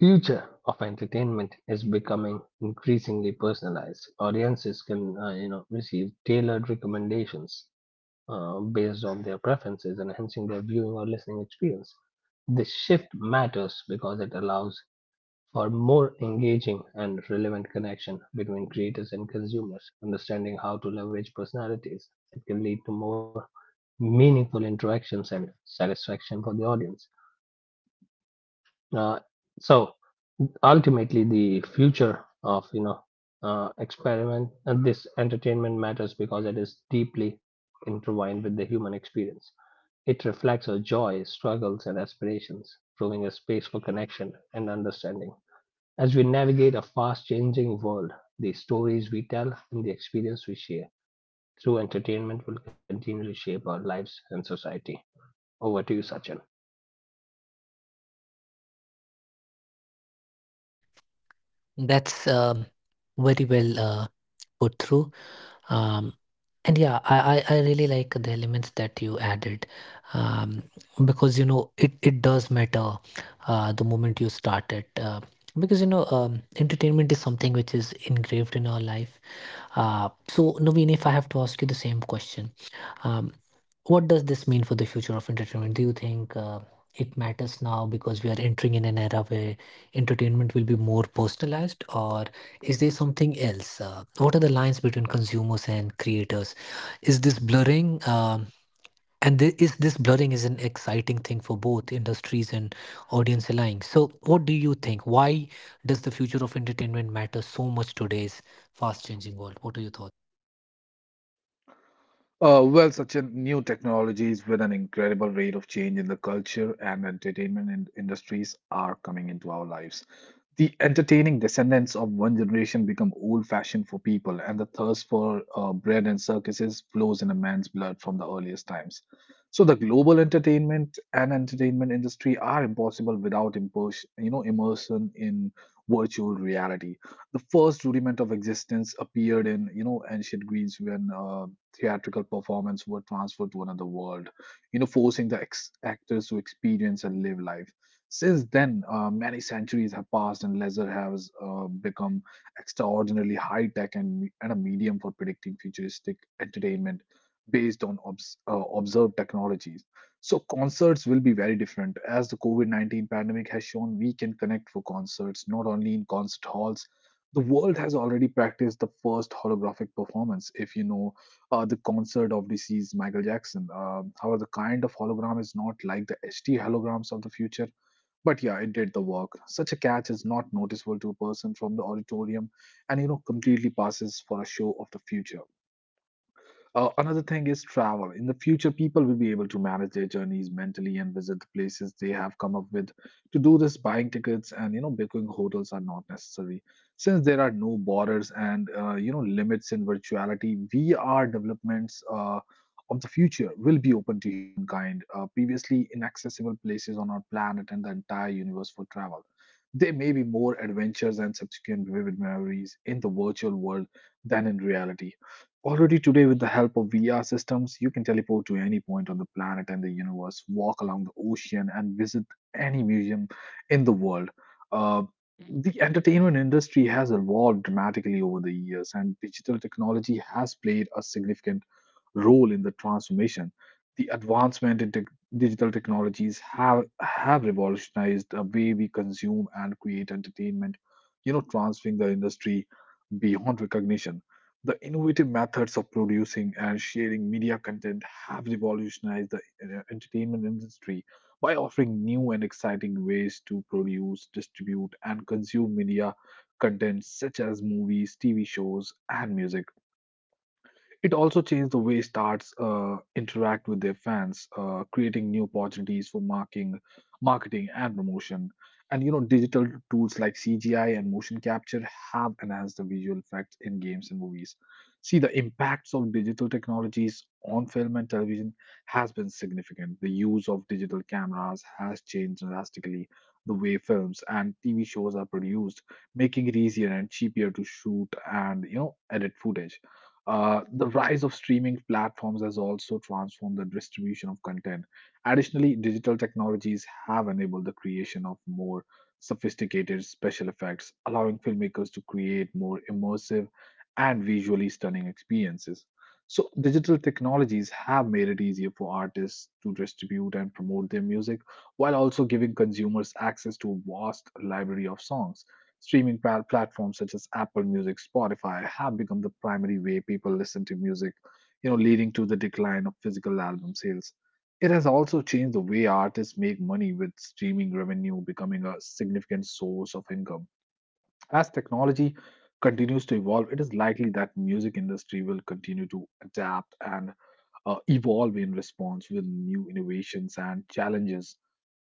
future of entertainment is becoming increasingly personalized. Audiences can uh, you know receive tailored recommendations uh, based on their preferences, enhancing their viewing or listening experience. This shift matters because it allows for more engaging and relevant connection between creators and consumers. Understanding how to leverage personalities, it can lead to more meaningful interactions and satisfaction for the audience. Uh, so ultimately, the future of you know uh, experiment and this entertainment matters because it is deeply intertwined with the human experience. It reflects our joy, struggles, and aspirations, proving a space for connection and understanding. As we navigate a fast changing world, the stories we tell and the experience we share through entertainment will continue to shape our lives and society. Over to you, Sachin.
That's uh, very well uh, put through. Um, And yeah, I, I, I really like the elements that you added, um, because, you know, it, it does matter uh, the moment you start it, uh, because, you know, um, entertainment is something which is engraved in our life. Uh, so, Naveen, if I have to ask you the same question, um, what does this mean for the future of entertainment? Do you think uh, it matters now because we are entering in an era where entertainment will be more personalized, or is there something else? Uh, what are the lines between consumers and creators? Is this blurring? Um, and thi- is this blurring is an exciting thing for both industries and audience alike. So, what do you think? Why does the future of entertainment matter so much today's fast changing world? What are your thoughts?
Uh, well, such a new technologies with an incredible rate of change in the culture and entertainment in industries are coming into our lives. The entertaining descendants of one generation become old-fashioned for people, and the thirst for uh, bread and circuses flows in a man's blood from the earliest times. So the global entertainment and entertainment industry are impossible without impers- you know, immersion in virtual reality. The first rudiment of existence appeared in you know, ancient Greece when uh, theatrical performance were transferred to another world, you know, forcing the ex- actors to experience and live life. Since then, uh, many centuries have passed, and laser has uh, become extraordinarily high tech and, me- and a medium for predicting futuristic entertainment based on obs- uh, observed technologies. So, concerts will be very different. As the COVID nineteen pandemic has shown, we can connect for concerts not only in concert halls. The world has already practiced the first holographic performance. If you know, uh, the concert of deceased Michael Jackson. Um however, the kind of hologram is not like the H D holograms of the future. But yeah, it did the work. Such a catch is not noticeable to a person from the auditorium and, you know, completely passes for a show of the future. Uh, another thing is travel. In the future, people will be able to manage their journeys mentally and visit the places they have come up with. To do this, buying tickets and you know booking hotels are not necessary. Since there are no borders and uh, you know limits in virtuality, V R developments uh, of the future will be open to humankind. Uh, previously inaccessible places on our planet and the entire universe for travel. There may be more adventures and subsequent vivid memories in the virtual world than in reality. Already today, with the help of V R systems, you can teleport to any point on the planet and the universe, walk along the ocean, and visit any museum in the world. Uh, the entertainment industry has evolved dramatically over the years, and digital technology has played a significant role in the transformation. The advancement in tech- Digital technologies have, have revolutionized the way we consume and create entertainment, you know, transferring the industry beyond recognition. The innovative methods of producing and sharing media content have revolutionized the uh, entertainment industry by offering new and exciting ways to produce, distribute, and consume media content such as movies, T V shows, and music. It also changed the way stars uh, interact with their fans, uh, creating new opportunities for marketing, marketing and promotion. And you know, digital tools like C G I and motion capture have enhanced the visual effects in games and movies. See, the impacts of digital technologies on film and television has been significant. The use of digital cameras has changed drastically the way films and T V shows are produced, making it easier and cheaper to shoot and you know edit footage. Uh, the rise of streaming platforms has also transformed the distribution of content. Additionally, digital technologies have enabled the creation of more sophisticated special effects, allowing filmmakers to create more immersive and visually stunning experiences. So, digital technologies have made it easier for artists to distribute and promote their music while also giving consumers access to a vast library of songs. Streaming pal- platforms such as Apple Music, Spotify have become the primary way people listen to music, you know, leading to the decline of physical album sales. It has also changed the way artists make money, with streaming revenue becoming a significant source of income. As technology continues to evolve, it is likely that music industry will continue to adapt and uh, evolve in response with new innovations and challenges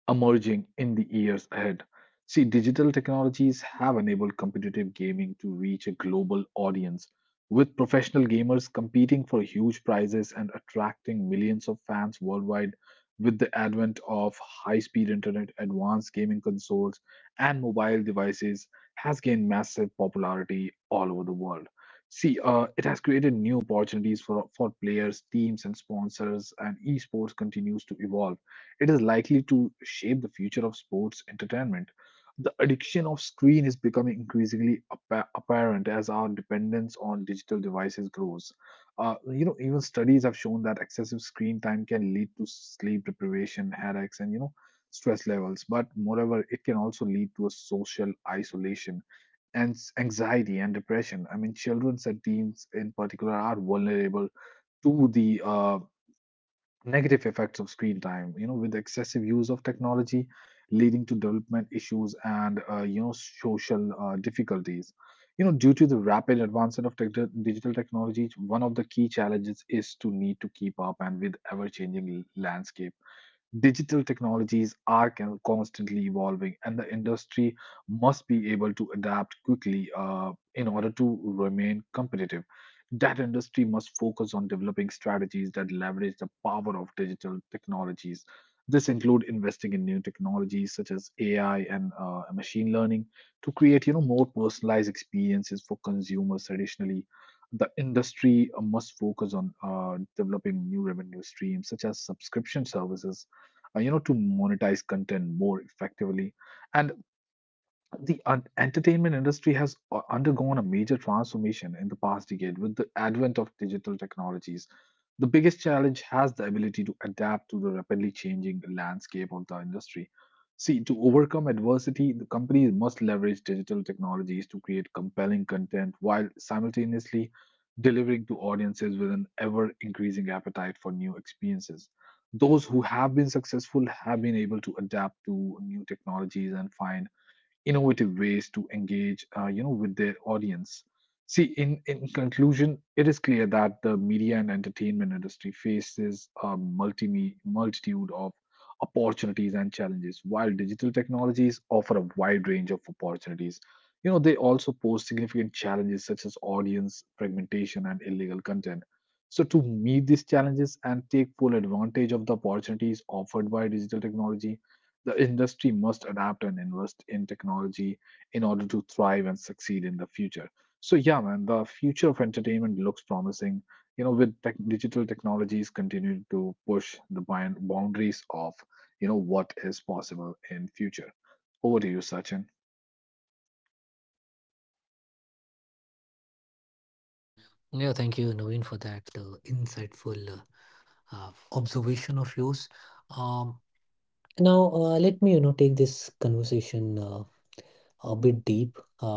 emerging in the years ahead. See, digital technologies have enabled competitive gaming to reach a global audience, with professional gamers competing for huge prizes and attracting millions of fans worldwide. With the advent of high speed internet, advanced gaming consoles, and mobile devices, has gained massive popularity all over the world. See, uh, it has created new opportunities for, for players, teams, and sponsors, and esports continues to evolve. It is likely to shape the future of sports entertainment. The addiction of screen is becoming increasingly appa- apparent as our dependence on digital devices grows. Uh, you know, even studies have shown that excessive screen time can lead to sleep deprivation, headaches, and you know, stress levels. But moreover, it can also lead to a social isolation and s- anxiety and depression. I mean, children and teens in particular are vulnerable to the uh, negative effects of screen time, you know with excessive use of technology leading to development issues and uh, you know social uh, difficulties, you know due to the rapid advancement of tech- digital technologies. One of the key challenges is to need to keep up and with ever changing landscape. Digital technologies are con- constantly evolving, and the industry must be able to adapt quickly uh, in order to remain competitive. That industry must focus on developing strategies that leverage the power of digital technologies. This include investing in new technologies such as A I and uh, machine learning to create, you know, more personalized experiences for consumers. Additionally, the industry uh, must focus on uh, developing new revenue streams such as subscription services, uh, you know to monetize content more effectively. And the un- entertainment industry has u- undergone a major transformation in the past decade with the advent of digital technologies. The biggest challenge has the ability to adapt to the rapidly changing landscape of the industry. See, to overcome adversity, the companies must leverage digital technologies to create compelling content while simultaneously delivering to audiences with an ever increasing appetite for new experiences. Those who have been successful have been able to adapt to new technologies and find innovative ways to engage uh, you know with their audience. See, in in conclusion, it is clear that the media and entertainment industry faces a multi multitude of opportunities and challenges. While digital technologies offer a wide range of opportunities, you know they also pose significant challenges such as audience fragmentation and illegal content. So to meet these challenges and take full advantage of the opportunities offered by digital technology, the industry must adapt and invest in technology in order to thrive and succeed in the future. So yeah, man, the future of entertainment looks promising. You know, with tech digital technologies continuing to push the bound- boundaries of you know what is possible in future. Over to you, Sachin.
Yeah, thank you, Naveen, for that uh, insightful uh, uh, observation of yours. Um, Now, uh, let me, you know, take this conversation uh, a bit deep, uh,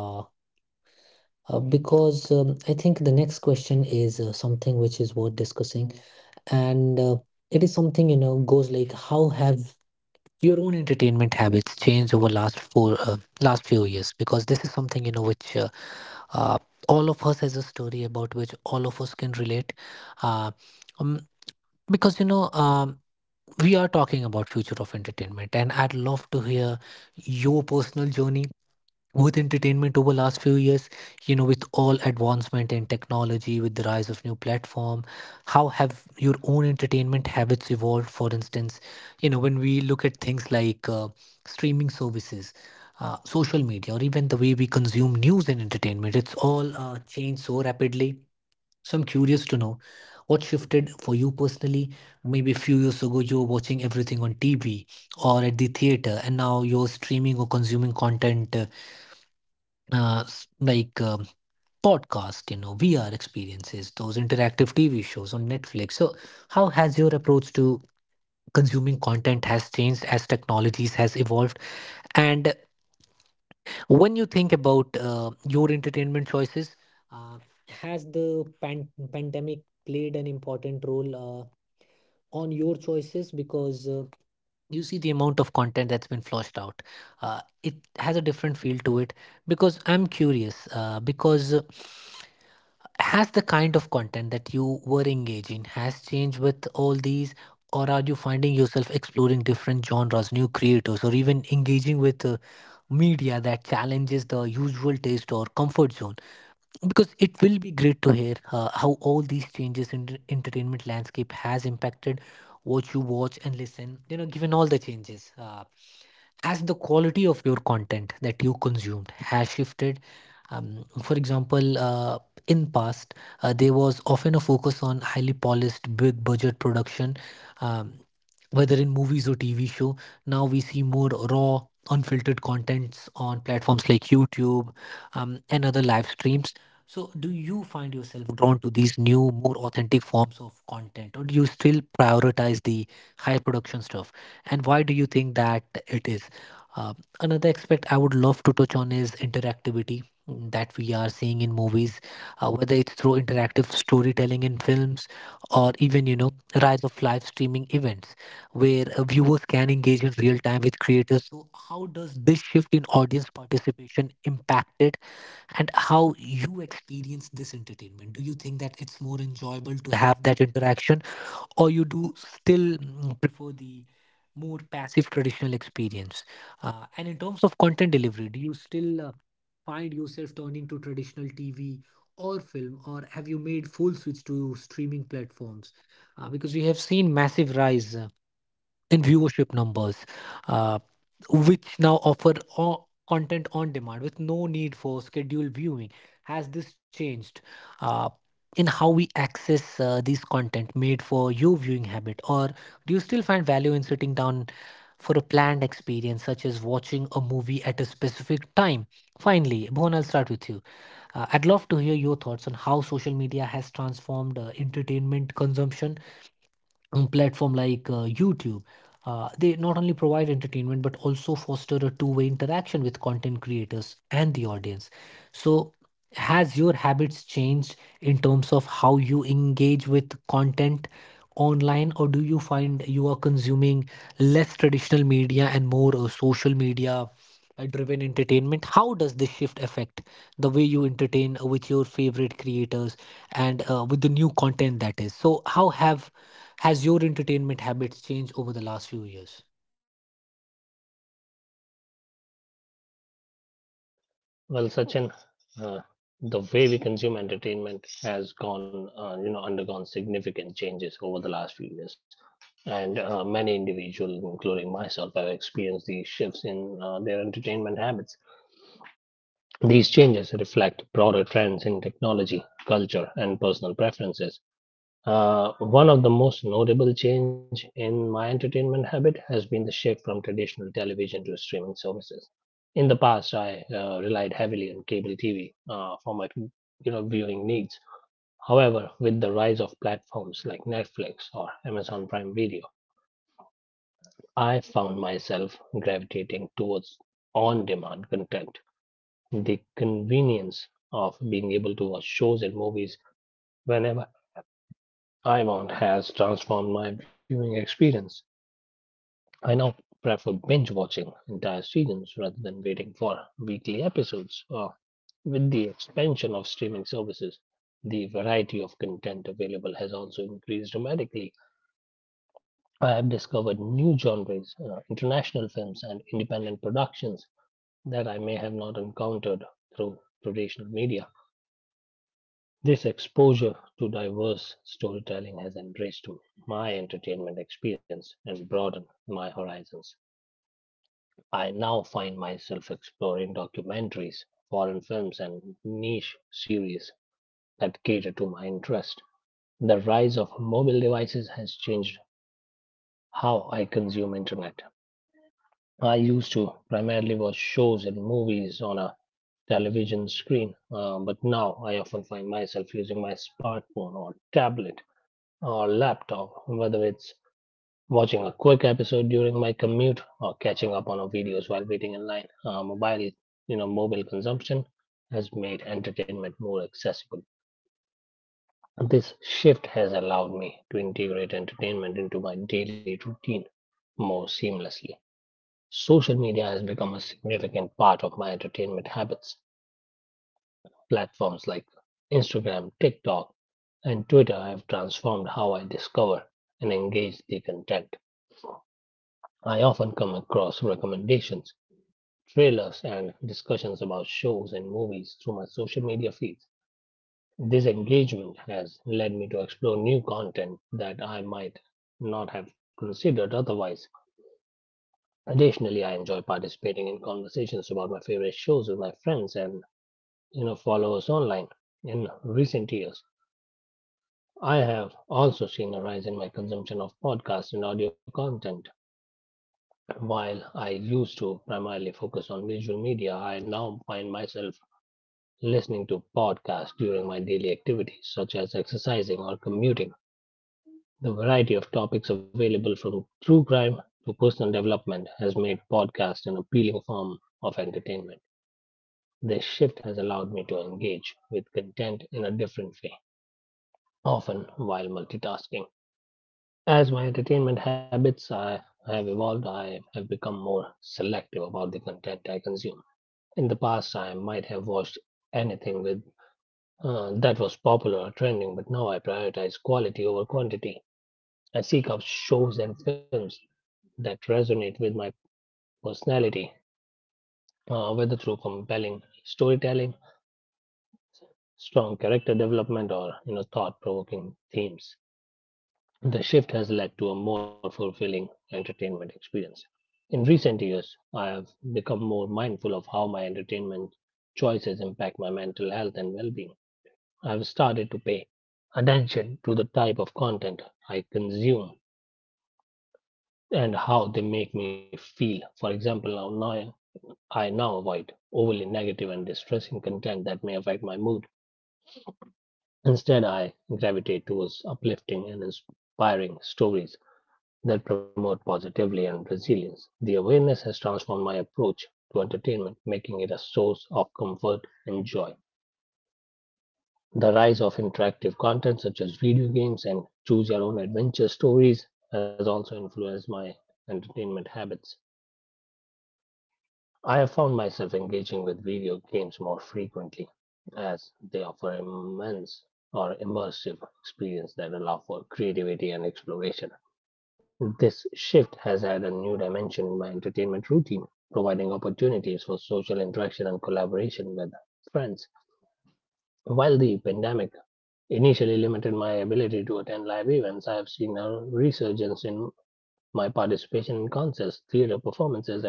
uh, because, um, I think the next question is uh, something which is worth discussing, and uh, it is something, you know, goes like, how have your own entertainment habits changed over last four uh, last few years? Because this is something, you know, which uh, uh, all of us has a story about which all of us can relate. Uh, um, because, you know, um, we are talking about future of entertainment, and I'd love to hear your personal journey with entertainment over last few years. You know, with all advancement in technology, with the rise of new platform, how have your own entertainment habits evolved? For instance, you know, when we look at things like uh, streaming services, uh, social media, or even the way we consume news and entertainment, it's all uh, changed so rapidly. So I'm curious to know what shifted for you personally. Maybe a few years ago, you were watching everything on T V or at the theater, and now you're streaming or consuming content uh, uh, s- like, um, podcast, you know, V R experiences, those interactive T V shows on Netflix. So how has your approach to consuming content has changed as technologies has evolved? And when you think about uh, your entertainment choices, uh, has the pan- pandemic played an important role Uh, on your choices? Because uh, you see the amount of content that's been flushed out, uh, it has a different feel to it. Because I'm curious, uh, because uh, has the kind of content that you were engaging has changed with all these, or are you finding yourself exploring different genres, new creators, or even engaging with uh, media that challenges the usual taste or comfort zone? Because it will be great to hear uh, how all these changes in the entertainment landscape has impacted what you watch and listen. You know, given all the changes, uh, as the quality of your content that you consumed has shifted. Um, for example, uh, in past, uh, there was often a focus on highly polished big budget production, um, whether in movies or tv show. Now we see more raw unfiltered contents on platforms like youtube, um, and other live streams. So, do you find yourself drawn to these new, more authentic forms of content, or do you still prioritize the high production stuff? And why do you think that it is? Um, another aspect I would love to touch on is interactivity mm, that we are seeing in movies, uh, whether it's through interactive storytelling in films or even, you know, rise of live streaming events where uh, viewers can engage in real time with creators. So how does this shift in audience participation impact it, and how you experience this entertainment? Do you think that it's more enjoyable to have that interaction, or you do still mm, prefer the more passive traditional experience? Uh, and in terms of content delivery, do you still uh, find yourself turning to traditional tv or film, or have you made full switch to streaming platforms? Uh, because we have seen massive rise uh, in viewership numbers, uh, which now offer o- content on demand with no need for scheduled viewing. Has this changed uh, in how we access uh, these content made for your viewing habit, or do you still find value in sitting down for a planned experience, such as watching a movie at a specific time? Finally, Bhuvan, I'll start with you. Uh, I'd love to hear your thoughts on how social media has transformed uh, entertainment consumption, um, platform like uh, YouTube. Uh, they not only provide entertainment but also foster a two-way interaction with content creators and the audience. So, has your habits changed in terms of how you engage with content online, or do you find you are consuming less traditional media and more uh, social media uh, driven entertainment? How does this shift affect the way you entertain uh, with your favorite creators and uh, with the new content that is? So how have has your entertainment habits changed over the last few years?
Well, Sachin, uh, the way we consume entertainment has gone, uh, you know, undergone significant changes over the last few years, and uh, many individuals, including myself, have experienced these shifts in uh, their entertainment habits. These changes reflect broader trends in technology, culture, and personal preferences. Uh, one of the most notable change in my entertainment habit has been the shift from traditional television to streaming services. In the past, I uh, relied heavily on cable T V uh, for my you know viewing needs. However, with the rise of platforms like Netflix or Amazon Prime Video, I found myself gravitating towards on-demand content. The convenience of being able to watch shows and movies whenever I want has transformed my viewing experience. I now prefer binge watching entire seasons rather than waiting for weekly episodes. Uh, with the expansion of streaming services, the variety of content available has also increased dramatically. I have discovered new genres, uh, international films, and independent productions that I may have not encountered through traditional media. This exposure to diverse storytelling has enriched my entertainment experience and broadened my horizons. I now find myself exploring documentaries, foreign films, and niche series that cater to my interest. The rise of mobile devices has changed how I consume internet. I used to primarily watch shows and movies on a television screen, uh, but now I often find myself using my smartphone or tablet or laptop, whether it's watching a quick episode during my commute or catching up on a videos while waiting in line. Uh, mobile, you know, mobile consumption has made entertainment more accessible. And this shift has allowed me to integrate entertainment into my daily routine more seamlessly. Social media has become a significant part of my entertainment habits. Platforms like Instagram, TikTok, and Twitter have transformed how I discover and engage the content. I often come across recommendations, trailers, and discussions about shows and movies through my social media feeds. This engagement has led me to explore new content that I might not have considered otherwise. Additionally, I enjoy participating in conversations about my favorite shows with my friends and you know followers online. In recent years, I have also seen a rise in my consumption of podcasts and audio content. While I used to primarily focus on visual media, I now find myself listening to podcasts during my daily activities, such as exercising or commuting. The variety of topics available from true crime to personal development has made podcasts an appealing form of entertainment. This shift has allowed me to engage with content in a different way, often while multitasking. As my entertainment habits I have evolved, I have become more selective about the content I consume. In the past, I might have watched anything with uh, that was popular or trending, but now I prioritize quality over quantity. I seek out shows and films that resonate with my personality, uh, whether through compelling storytelling, strong character development, or you know thought-provoking themes. The shift has led to a more fulfilling entertainment experience. In recent years, I have become more mindful of how my entertainment choices impact my mental health and well-being. I've started to pay attention to the type of content I consume and how they make me feel. For example, now, now I now avoid overly negative and distressing content that may affect my mood. Instead, I gravitate towards uplifting and inspiring stories that promote positivity and resilience. The awareness has transformed my approach to entertainment, making it a source of comfort and joy. The rise of interactive content such as video games and choose your own adventure stories has also influenced my entertainment habits. I have found myself engaging with video games more frequently as they offer immense or immersive experience that allow for creativity and exploration. This shift has added a new dimension in my entertainment routine, providing opportunities for social interaction and collaboration with friends. While the pandemic initially limited my ability to attend live events, I have seen a resurgence in my participation in concerts, theater performances, and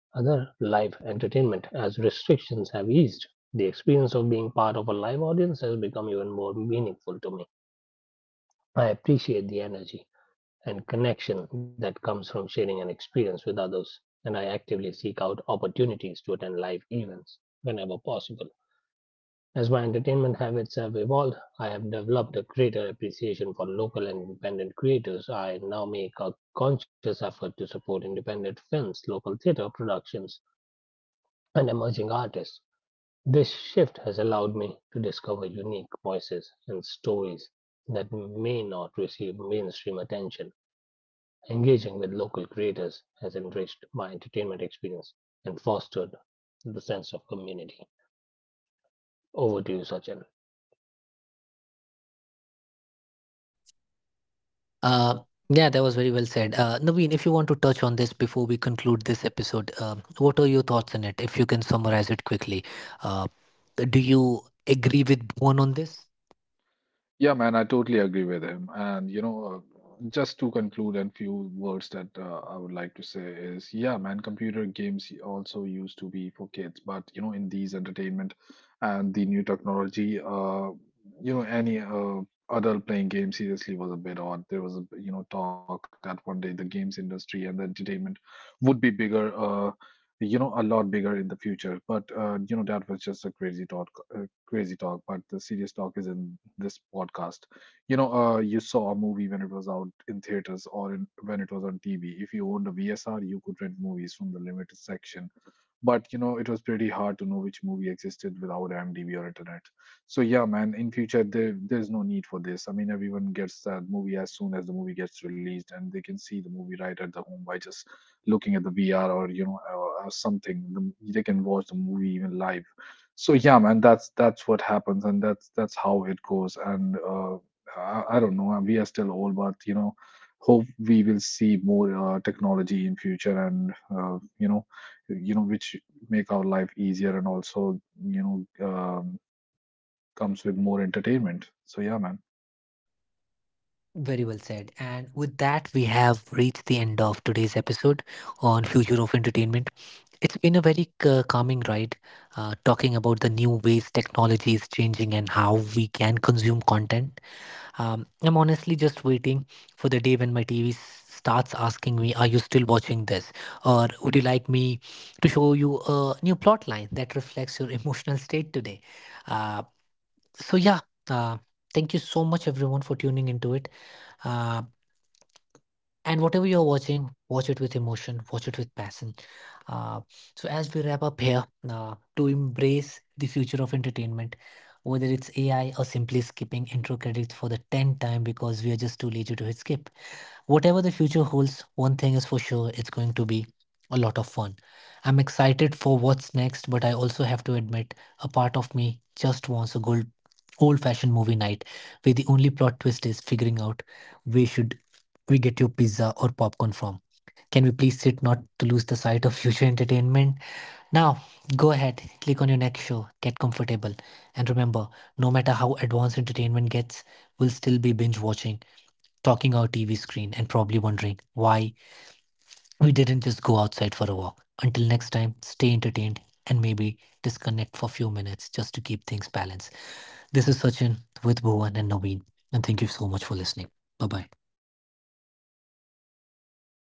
other live entertainment. As restrictions have eased, the experience of being part of a live audience has become even more meaningful to me. I appreciate the energy and connection that comes from sharing an experience with others, and I actively seek out opportunities to attend live events whenever possible. As my entertainment habits have evolved, I have developed a greater appreciation for local and independent creators. I now make a conscious effort to support independent films, local theater productions, and emerging artists. This shift has allowed me to discover unique voices and stories that may not receive mainstream attention. Engaging with local creators has enriched my entertainment experience and fostered the sense of community. Over to you, Sachin.
Uh, yeah, that was very well said. Uh, Naveen, if you want to touch on this before we conclude this episode, um, what are your thoughts on it? If you can summarize it quickly, uh, do you agree with one on this?
Yeah, man, I totally agree with him. And, you know, uh, just to conclude, and few words that uh, I would like to say is, yeah, man, computer games also used to be for kids, but, you know, in these entertainment and the new technology, uh, you know, any uh, adult playing game seriously was a bit odd. There was a, you know, talk that one day the games industry and the entertainment would be bigger. Uh, you know a lot bigger in the future, but uh, you know that was just a crazy talk, uh, crazy talk. But the serious talk is in this podcast, you know uh, you saw a movie when it was out in theaters or in, when it was on tv. If you owned a vsr, you could rent movies from the limited section, but you know it was pretty hard to know which movie existed without IMDb or internet. So yeah, man, in future there there's no need for this. I mean, everyone gets that movie as soon as the movie gets released, and they can see the movie right at the home by just looking at the V R or you know or, or something. The, they can watch the movie even live. So yeah, man, that's that's what happens, and that's that's how it goes. And uh, I, I don't know, we are still old, but you know, hope we will see more uh, technology in future, and uh, you know you know which make our life easier and also you know um, comes with more entertainment. So yeah, man.
Very well said. And with that, we have reached the end of today's episode on Future of Entertainment. It's been a very c- calming ride, uh, talking about the new ways technology is changing and how we can consume content. Um, I'm honestly just waiting for the day when my T V starts asking me, "Are you still watching this?" Or, "Would you like me to show you a new plot line that reflects your emotional state today?" Uh, so, yeah, uh, thank you so much, everyone, for tuning into it. Uh, and whatever you're watching, watch it with emotion, watch it with passion. Uh, so, as we wrap up here, uh, to embrace the future of entertainment, whether it's A I or simply skipping intro credits for the tenth time because we are just too lazy to hit skip, whatever the future holds, one thing is for sure, it's going to be a lot of fun. I'm excited for what's next, but I also have to admit, a part of me just wants a good old fashioned movie night where the only plot twist is figuring out where should we get your pizza or popcorn from. Can we please sit not to lose the sight of future entertainment? Now, go ahead, click on your next show, get comfortable, and remember, no matter how advanced entertainment gets, we'll still be binge watching, talking our T V screen, and probably wondering why we didn't just go outside for a walk. Until next time, stay entertained, and maybe disconnect for a few minutes just to keep things balanced. This is Sachin, with Bhuvan and Naveen, and thank you so much for listening. Bye bye.